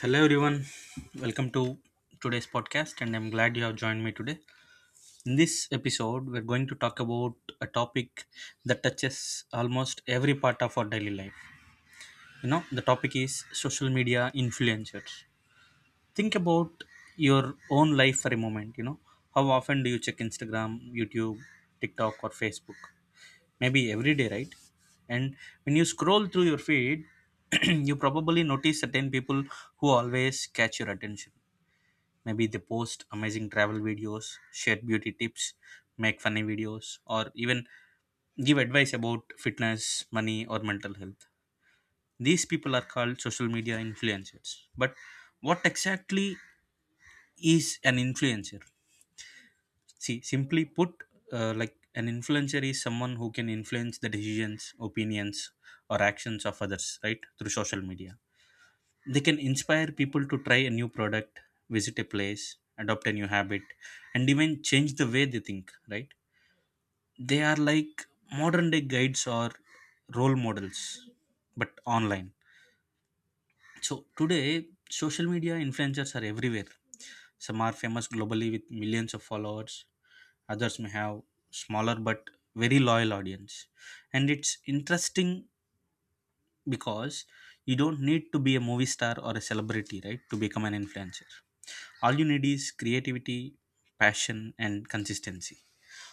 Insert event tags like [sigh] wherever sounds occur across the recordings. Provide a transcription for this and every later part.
Hello, everyone. Welcome to today's podcast, and I'm glad you have joined me today. In this episode, we're going to talk about a topic that touches almost every part of our daily life. You know, the topic is social media influencers. Think about your own life for a moment. You know, how often do you check Instagram, YouTube, TikTok, or Facebook? Maybe every day, right? And when you scroll through your feed, [clears throat] you probably notice certain people who always catch your attention. Maybe they post amazing travel videos, share beauty tips, make funny videos, or even give advice about fitness, money, or mental health. These people are called social media influencers. But what exactly is an influencer? See, simply put, like an influencer is someone who can influence the decisions, opinions, or actions of others, right, through social media. They can inspire people to try a new product, visit a place, adopt a new habit, and even change the way they think, right? They are like modern day guides or role models, but online. So today, social media influencers are everywhere. Some are famous globally with millions of followers. Others may have smaller but very loyal audience. And it's interesting because you don't need to be a movie star or a celebrity, right, to become an influencer. All you need is creativity, passion, and consistency.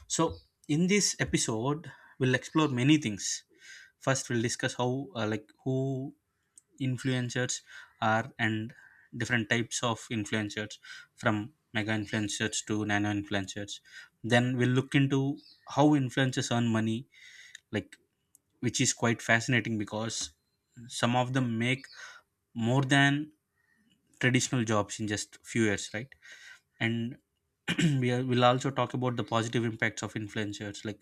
So in this episode, we'll explore many things. First, we'll discuss how like who influencers are, and different types of influencers, from mega influencers to nano influencers. Then we'll look into how influencers earn money, like, which is quite fascinating because some of them make more than traditional jobs in just few years, right? And [clears throat] we'll also talk about the positive impacts of influencers, like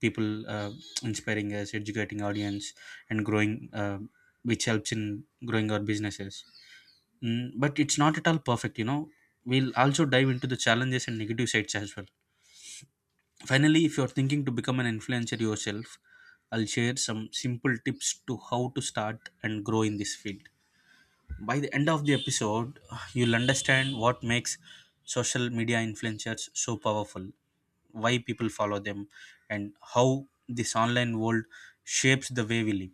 people inspiring us, educating audience, and growing which helps in growing our businesses. But it's not at all perfect, you know, we'll also dive into the challenges and negative sides as well. Finally, if you're thinking to become an influencer yourself, I'll share some simple tips to how to start and grow in this field. By the end of the episode, you'll understand what makes social media influencers so powerful, why people follow them, and how this online world shapes the way we live.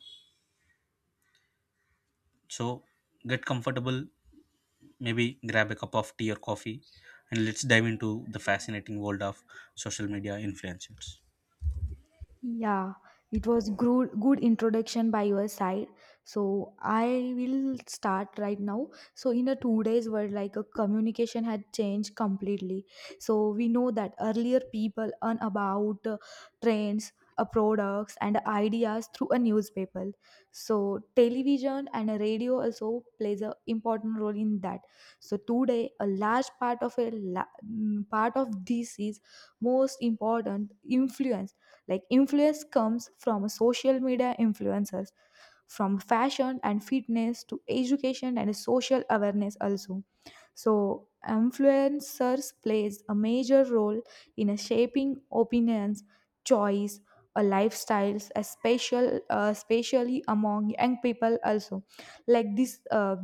So, get comfortable, maybe grab a cup of tea or coffee, and let's dive into the fascinating world of social media influencers. Yeah, it was good introduction by your side. So I will start right now. So in a 2 days world, like a communication had changed completely. So we know that earlier people earn about trends, products, and ideas through a newspaper. So television and a radio also plays a important role in that. So today, a large part of part of this is most important influence like influence comes from a social media influencers, from fashion and fitness to education and social awareness also. So influencers plays a major role in a shaping opinions, choice, a lifestyles, especially among young people also. Like this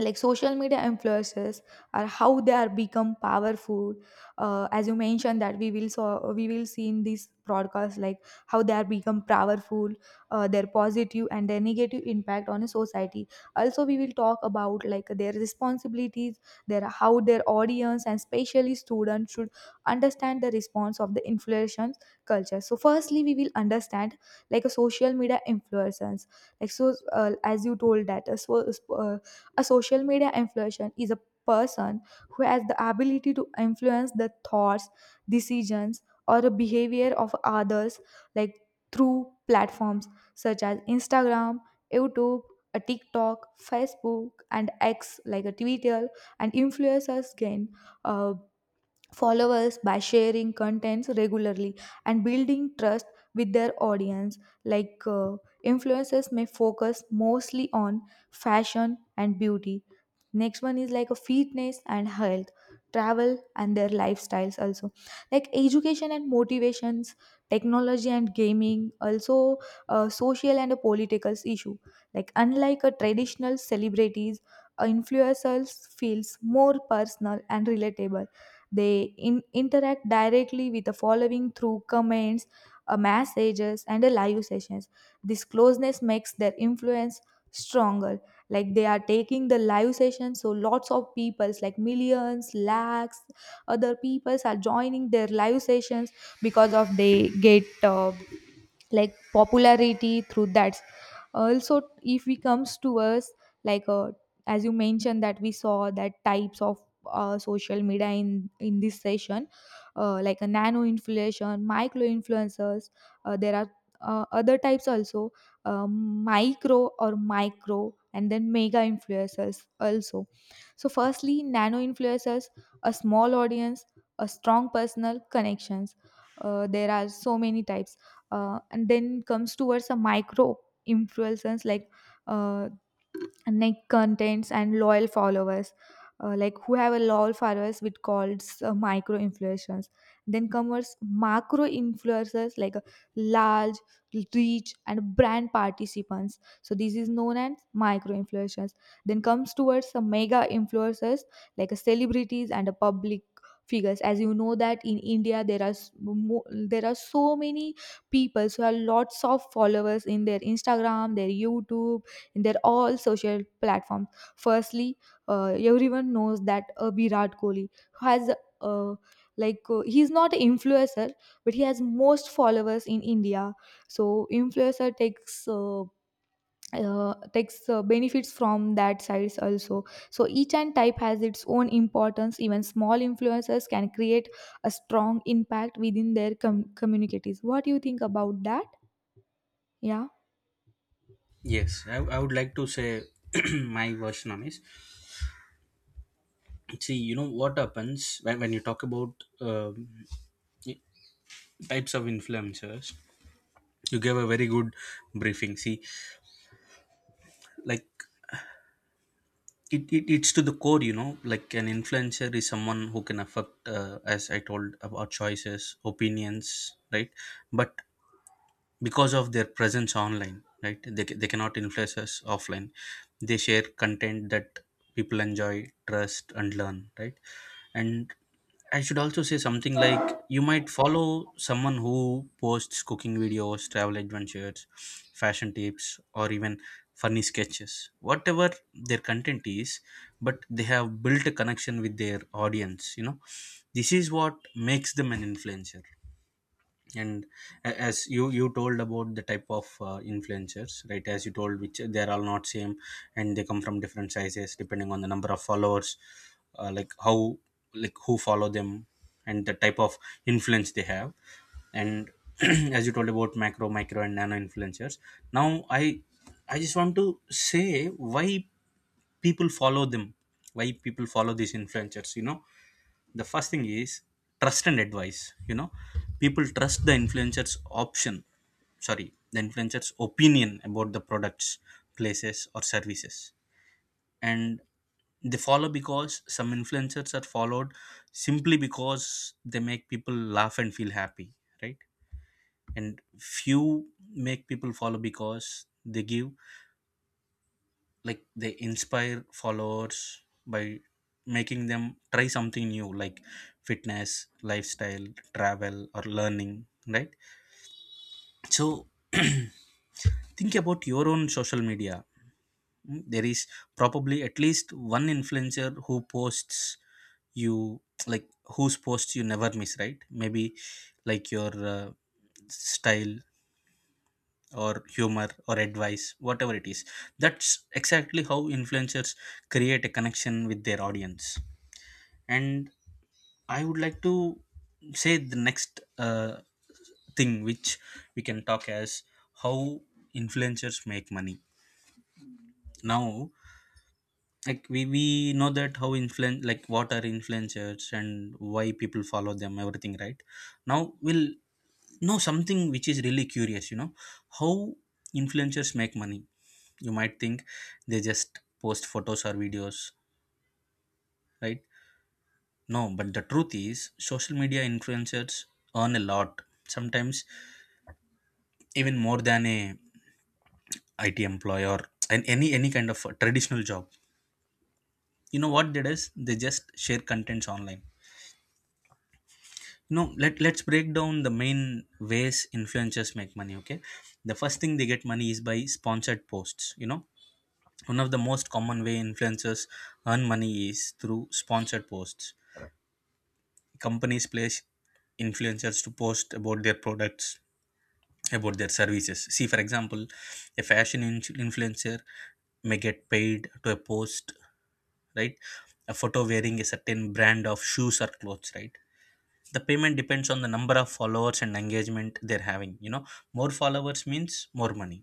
like social media influencers are how they are become powerful, as you mentioned that we will see in this broadcast like how they are become powerful, their positive and their negative impact on a society. Also we will talk about like their responsibilities, their how their audience and especially students should understand the response of the influencers culture. So firstly we will understand like a social media influencers, as you told that uh, a social media influencer is a person who has the ability to influence the thoughts, decisions, or the behavior of others, like through platforms such as Instagram, YouTube, a TikTok, Facebook, and X, like a Twitter. And influencers gain uh, followers by sharing contents regularly and building trust with their audience. like uh, Influencers may focus mostly on fashion and beauty. Next one is like a fitness and health, travel and their lifestyles also, like education and motivations, technology and gaming also, social and political issue. Like unlike a traditional celebrities, influencers feels more personal and relatable. They interact directly with the following through comments, messages, and live sessions. This closeness makes their influence stronger. Like they are taking the live session, so lots of peoples, like millions, lakhs, other peoples are joining their live sessions because of they get like popularity through that. Also if we comes to us, like uh, as you mentioned that we saw that types of social media in this session, like a nano inflation micro influencers, there are other types also, micro or micro and then mega influencers also. So firstly nano influencers, a small audience, a strong personal connections, there are so many types. And then comes towards a micro influencers, uh, neck contents and loyal followers, like who have a loyal followers with calls, micro influencers. Then comes macro influencers, large reach and brand participants, so this is known as micro influencers. Then comes towards the mega influencers, celebrities and public figures. As you know that in india there are there are so many people who have lots of followers in their instagram, their youtube, in their all social platforms. Firstly, everyone knows that Virat Kohli has, uh, he's not an influencer, but he has most followers in India. So influencer takes. Takes benefits from that sides also. So each and type has its own importance, even small influencers can create a strong impact within their communities. What do you think about that? Yeah. Yes, I would like to say [clears throat] my version on is, see, you know what happens when you talk about um, types of influencers. You gave a very good briefing. See, like, it it's to the core, you know, like an influencer is someone who can affect, as I told, about choices, opinions, right? But because of their presence online, right, they cannot influence us offline. They share content that people enjoy, trust, and learn, right? And I should also say something, like, you might follow someone who posts cooking videos, travel adventures, fashion tips, or even funny sketches. Whatever their content is, but they have built a connection with their audience, you know. This is what makes them an influencer. And as you told about the type of influencers, right, as you told, which they are all not same, and they come from different sizes depending on the number of followers, like how, like who follow them, and the type of influence they have. And [clears throat] as you told about macro, micro, and nano influencers, now I just want to say why people follow them, why people follow these influencers, you know. The first thing is trust and advice, you know. People trust the influencers option, sorry, the influencers opinion about the products, places, or services. And they follow because some influencers are followed simply because they make people laugh and feel happy, right? And few make people follow because they give, like, they inspire followers by making them try something new, like fitness, lifestyle, travel, or learning, right? So [clears throat] think about your own social media. Mm, there is probably at least one influencer who posts, you, like, whose posts you never miss, right? Maybe like your style, or humor, or advice, whatever it is. That's exactly how influencers create a connection with their audience. And I would like to say the next thing which we can talk as how influencers make money. Now, like we know that how influen, like, what are influencers and why people follow them, everything, right? Now we'll know something which is really curious, you know, how influencers make money. You might think they just post photos or videos, right? No, but the truth is, social media influencers earn a lot, sometimes even more than a IT employee or an any kind of a traditional job. You know what they does, they just share contents online. You know, let's break down the main ways influencers make money, okay? The first thing they get money is by sponsored posts, you know. One of the most common way influencers earn money is through sponsored posts. Companies place influencers to post about their products, about their services. See, for example, a fashion influencer may get paid to a post, right, a photo wearing a certain brand of shoes or clothes, right? The payment depends on the number of followers and engagement they're having, you know. More followers means more money.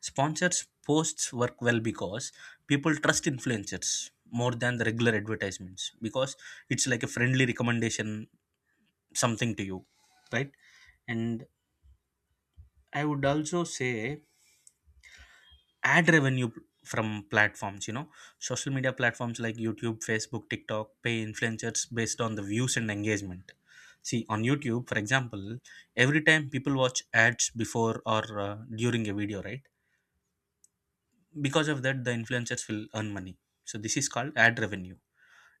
Sponsors posts work well because people trust influencers more than the regular advertisements, because it's like a friendly recommendation, something to you, right? And I would also say ad revenue from platforms, you know. Social media platforms like YouTube, Facebook, TikTok pay influencers based on the views and engagement. See, on YouTube, for example, every time people watch ads before or during a video, right, because of that, the influencers will earn money. So this is called ad revenue.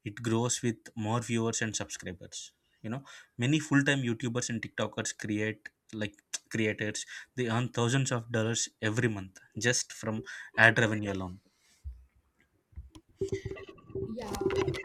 It grows with more viewers and subscribers, you know. Many full-time YouTubers and TikTokers create, like, [tsk] creators, they earn thousands of dollars every month just from ad revenue alone. Yeah,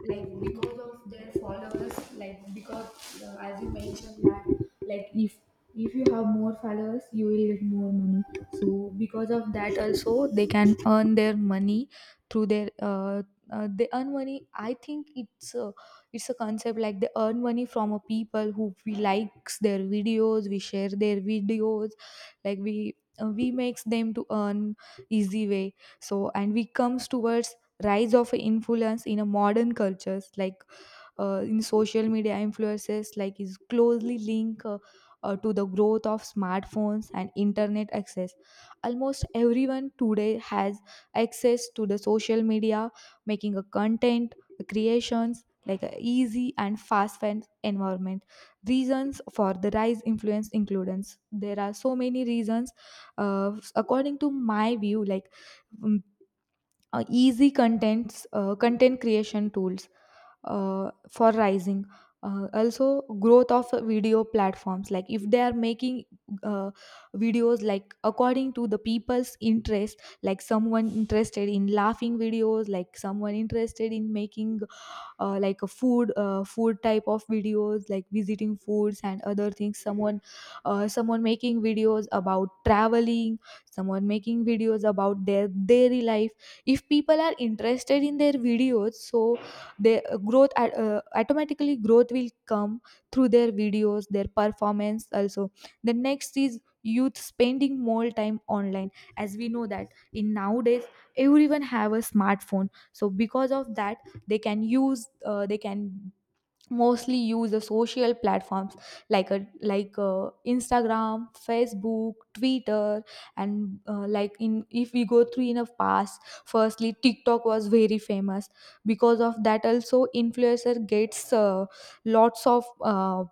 like because of their followers, like because as you mentioned that, like if you have more followers, you will get more money. So because of that, also they can earn their money through their they earn money. I think it's a concept like they earn money from a people who we likes their videos, we share their videos, like we, we makes them to earn easy way. So and we comes towards rise of influence in a modern cultures, in social media influences like is closely linked, to the growth of smartphones and internet access. Almost everyone today has access to the social media, making a content creations like a easy and fast fan environment. Reasons for the rise influence includes, there are so many reasons, according to my view, easy contents, content creation tools, for rising, also growth of video platforms. Like if they are making, uh, videos like according to the people's interest, like someone interested in laughing videos, like someone interested in making, like a food type of videos like visiting foods and other things, someone making videos about traveling, someone making videos about their daily life. If people are interested in their videos, so their growth automatically growth will come through their videos, their performance also. The next is youth spending more time online. As we know that in nowadays everyone have a smartphone, so because of that they can use, they can mostly use the social platforms, like instagram, facebook, twitter. And like in if we go through in a past, firstly tiktok was very famous. Because of that also influencer gets lots of, uh,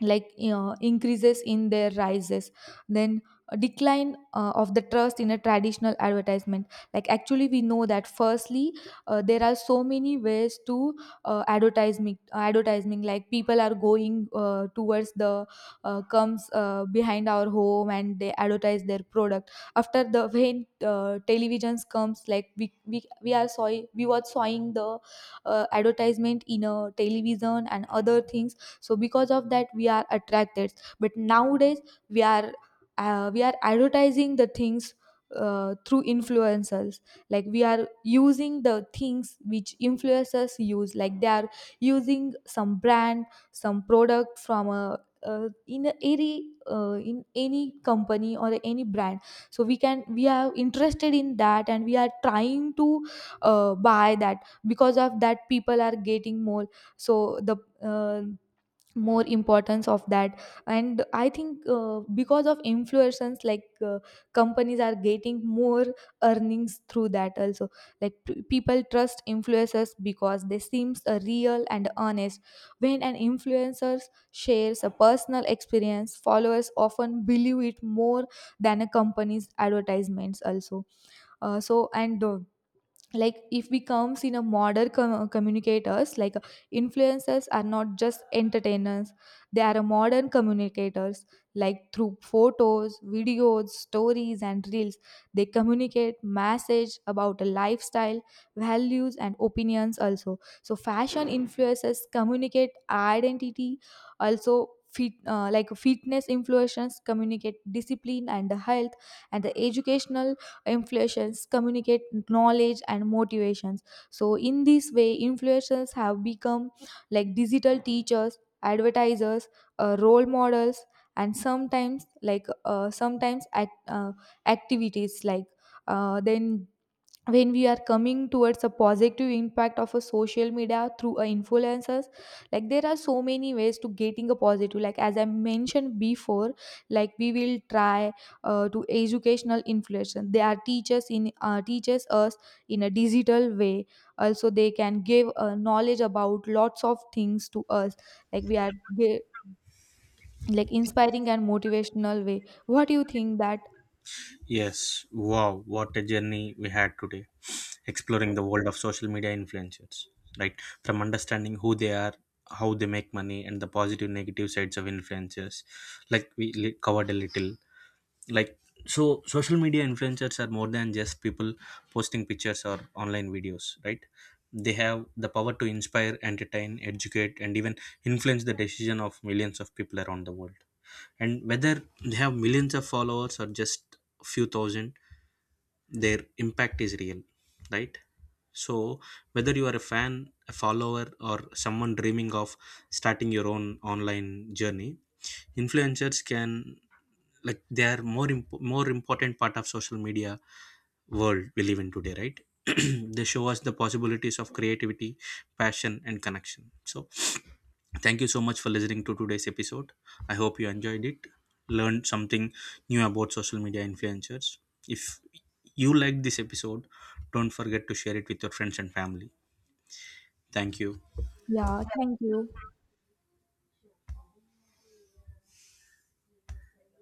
like uh, increases in their rises. Then a decline of the trust in a traditional advertisement. Like actually we know that firstly, there are so many ways to, advertising, like people are going towards the, comes behind our home and they advertise their product. After the when televisions comes, like we are saw, we were sawing the advertisement in a television and other things. So because of that we are attracted. But nowadays we are, we are advertising the things, through influencers. Like we are using the things which influencers use, like they are using some brand, some product from a, in any company or any brand. So we can we are interested in that and we are trying to, buy that. Because of that people are getting more, so the, uh, more importance of that. And I think, because of influencers, companies are getting more earnings through that also. Like people trust influencers because they seems real and honest. When an influencer shares a personal experience, followers often believe it more than a company's advertisements also. So and Like if we comes in a modern communicators, like influencers are not just entertainers, they are a modern communicators. Like through photos, videos, stories and reels, they communicate message about a lifestyle, values and opinions also. So fashion influencers communicate identity. Also like fitness influencers communicate discipline and health. And the educational influencers communicate knowledge and motivations. So in this way influencers have become like digital teachers, advertisers, role models, and sometimes activities like, then when we are coming towards the positive impact of a social media through a influencers, like there are so many ways to getting a positive, like as I mentioned before, like we will try, to educational influencers, they are teachers in, teaches us in a digital way. Also they can give knowledge about lots of things to us, like we are ge- like inspiring and motivational way. What do you think that? Yes. Wow. What a journey we had today, exploring the world of social media influencers, right? From understanding who they are, how they make money, and the positive negative sides of influencers, like, covered a little, like. So social media influencers are more than just people posting pictures or online videos, right? They have the power to inspire, entertain, educate, and even influence the decision of millions of people around the world. And whether they have millions of followers or just few thousand, their impact is real, right? So whether you are a fan, a follower, or someone dreaming of starting your own online journey, influencers can, like, they are more important part of social media world we live in today, right? [clears throat] They show us the possibilities of creativity, passion, and connection. So thank you so much for listening to today's episode. I hope you enjoyed it, learned something new about social media influencers. If you liked this episode, don't forget to share it with your friends and family. Thank you. Yeah, thank you.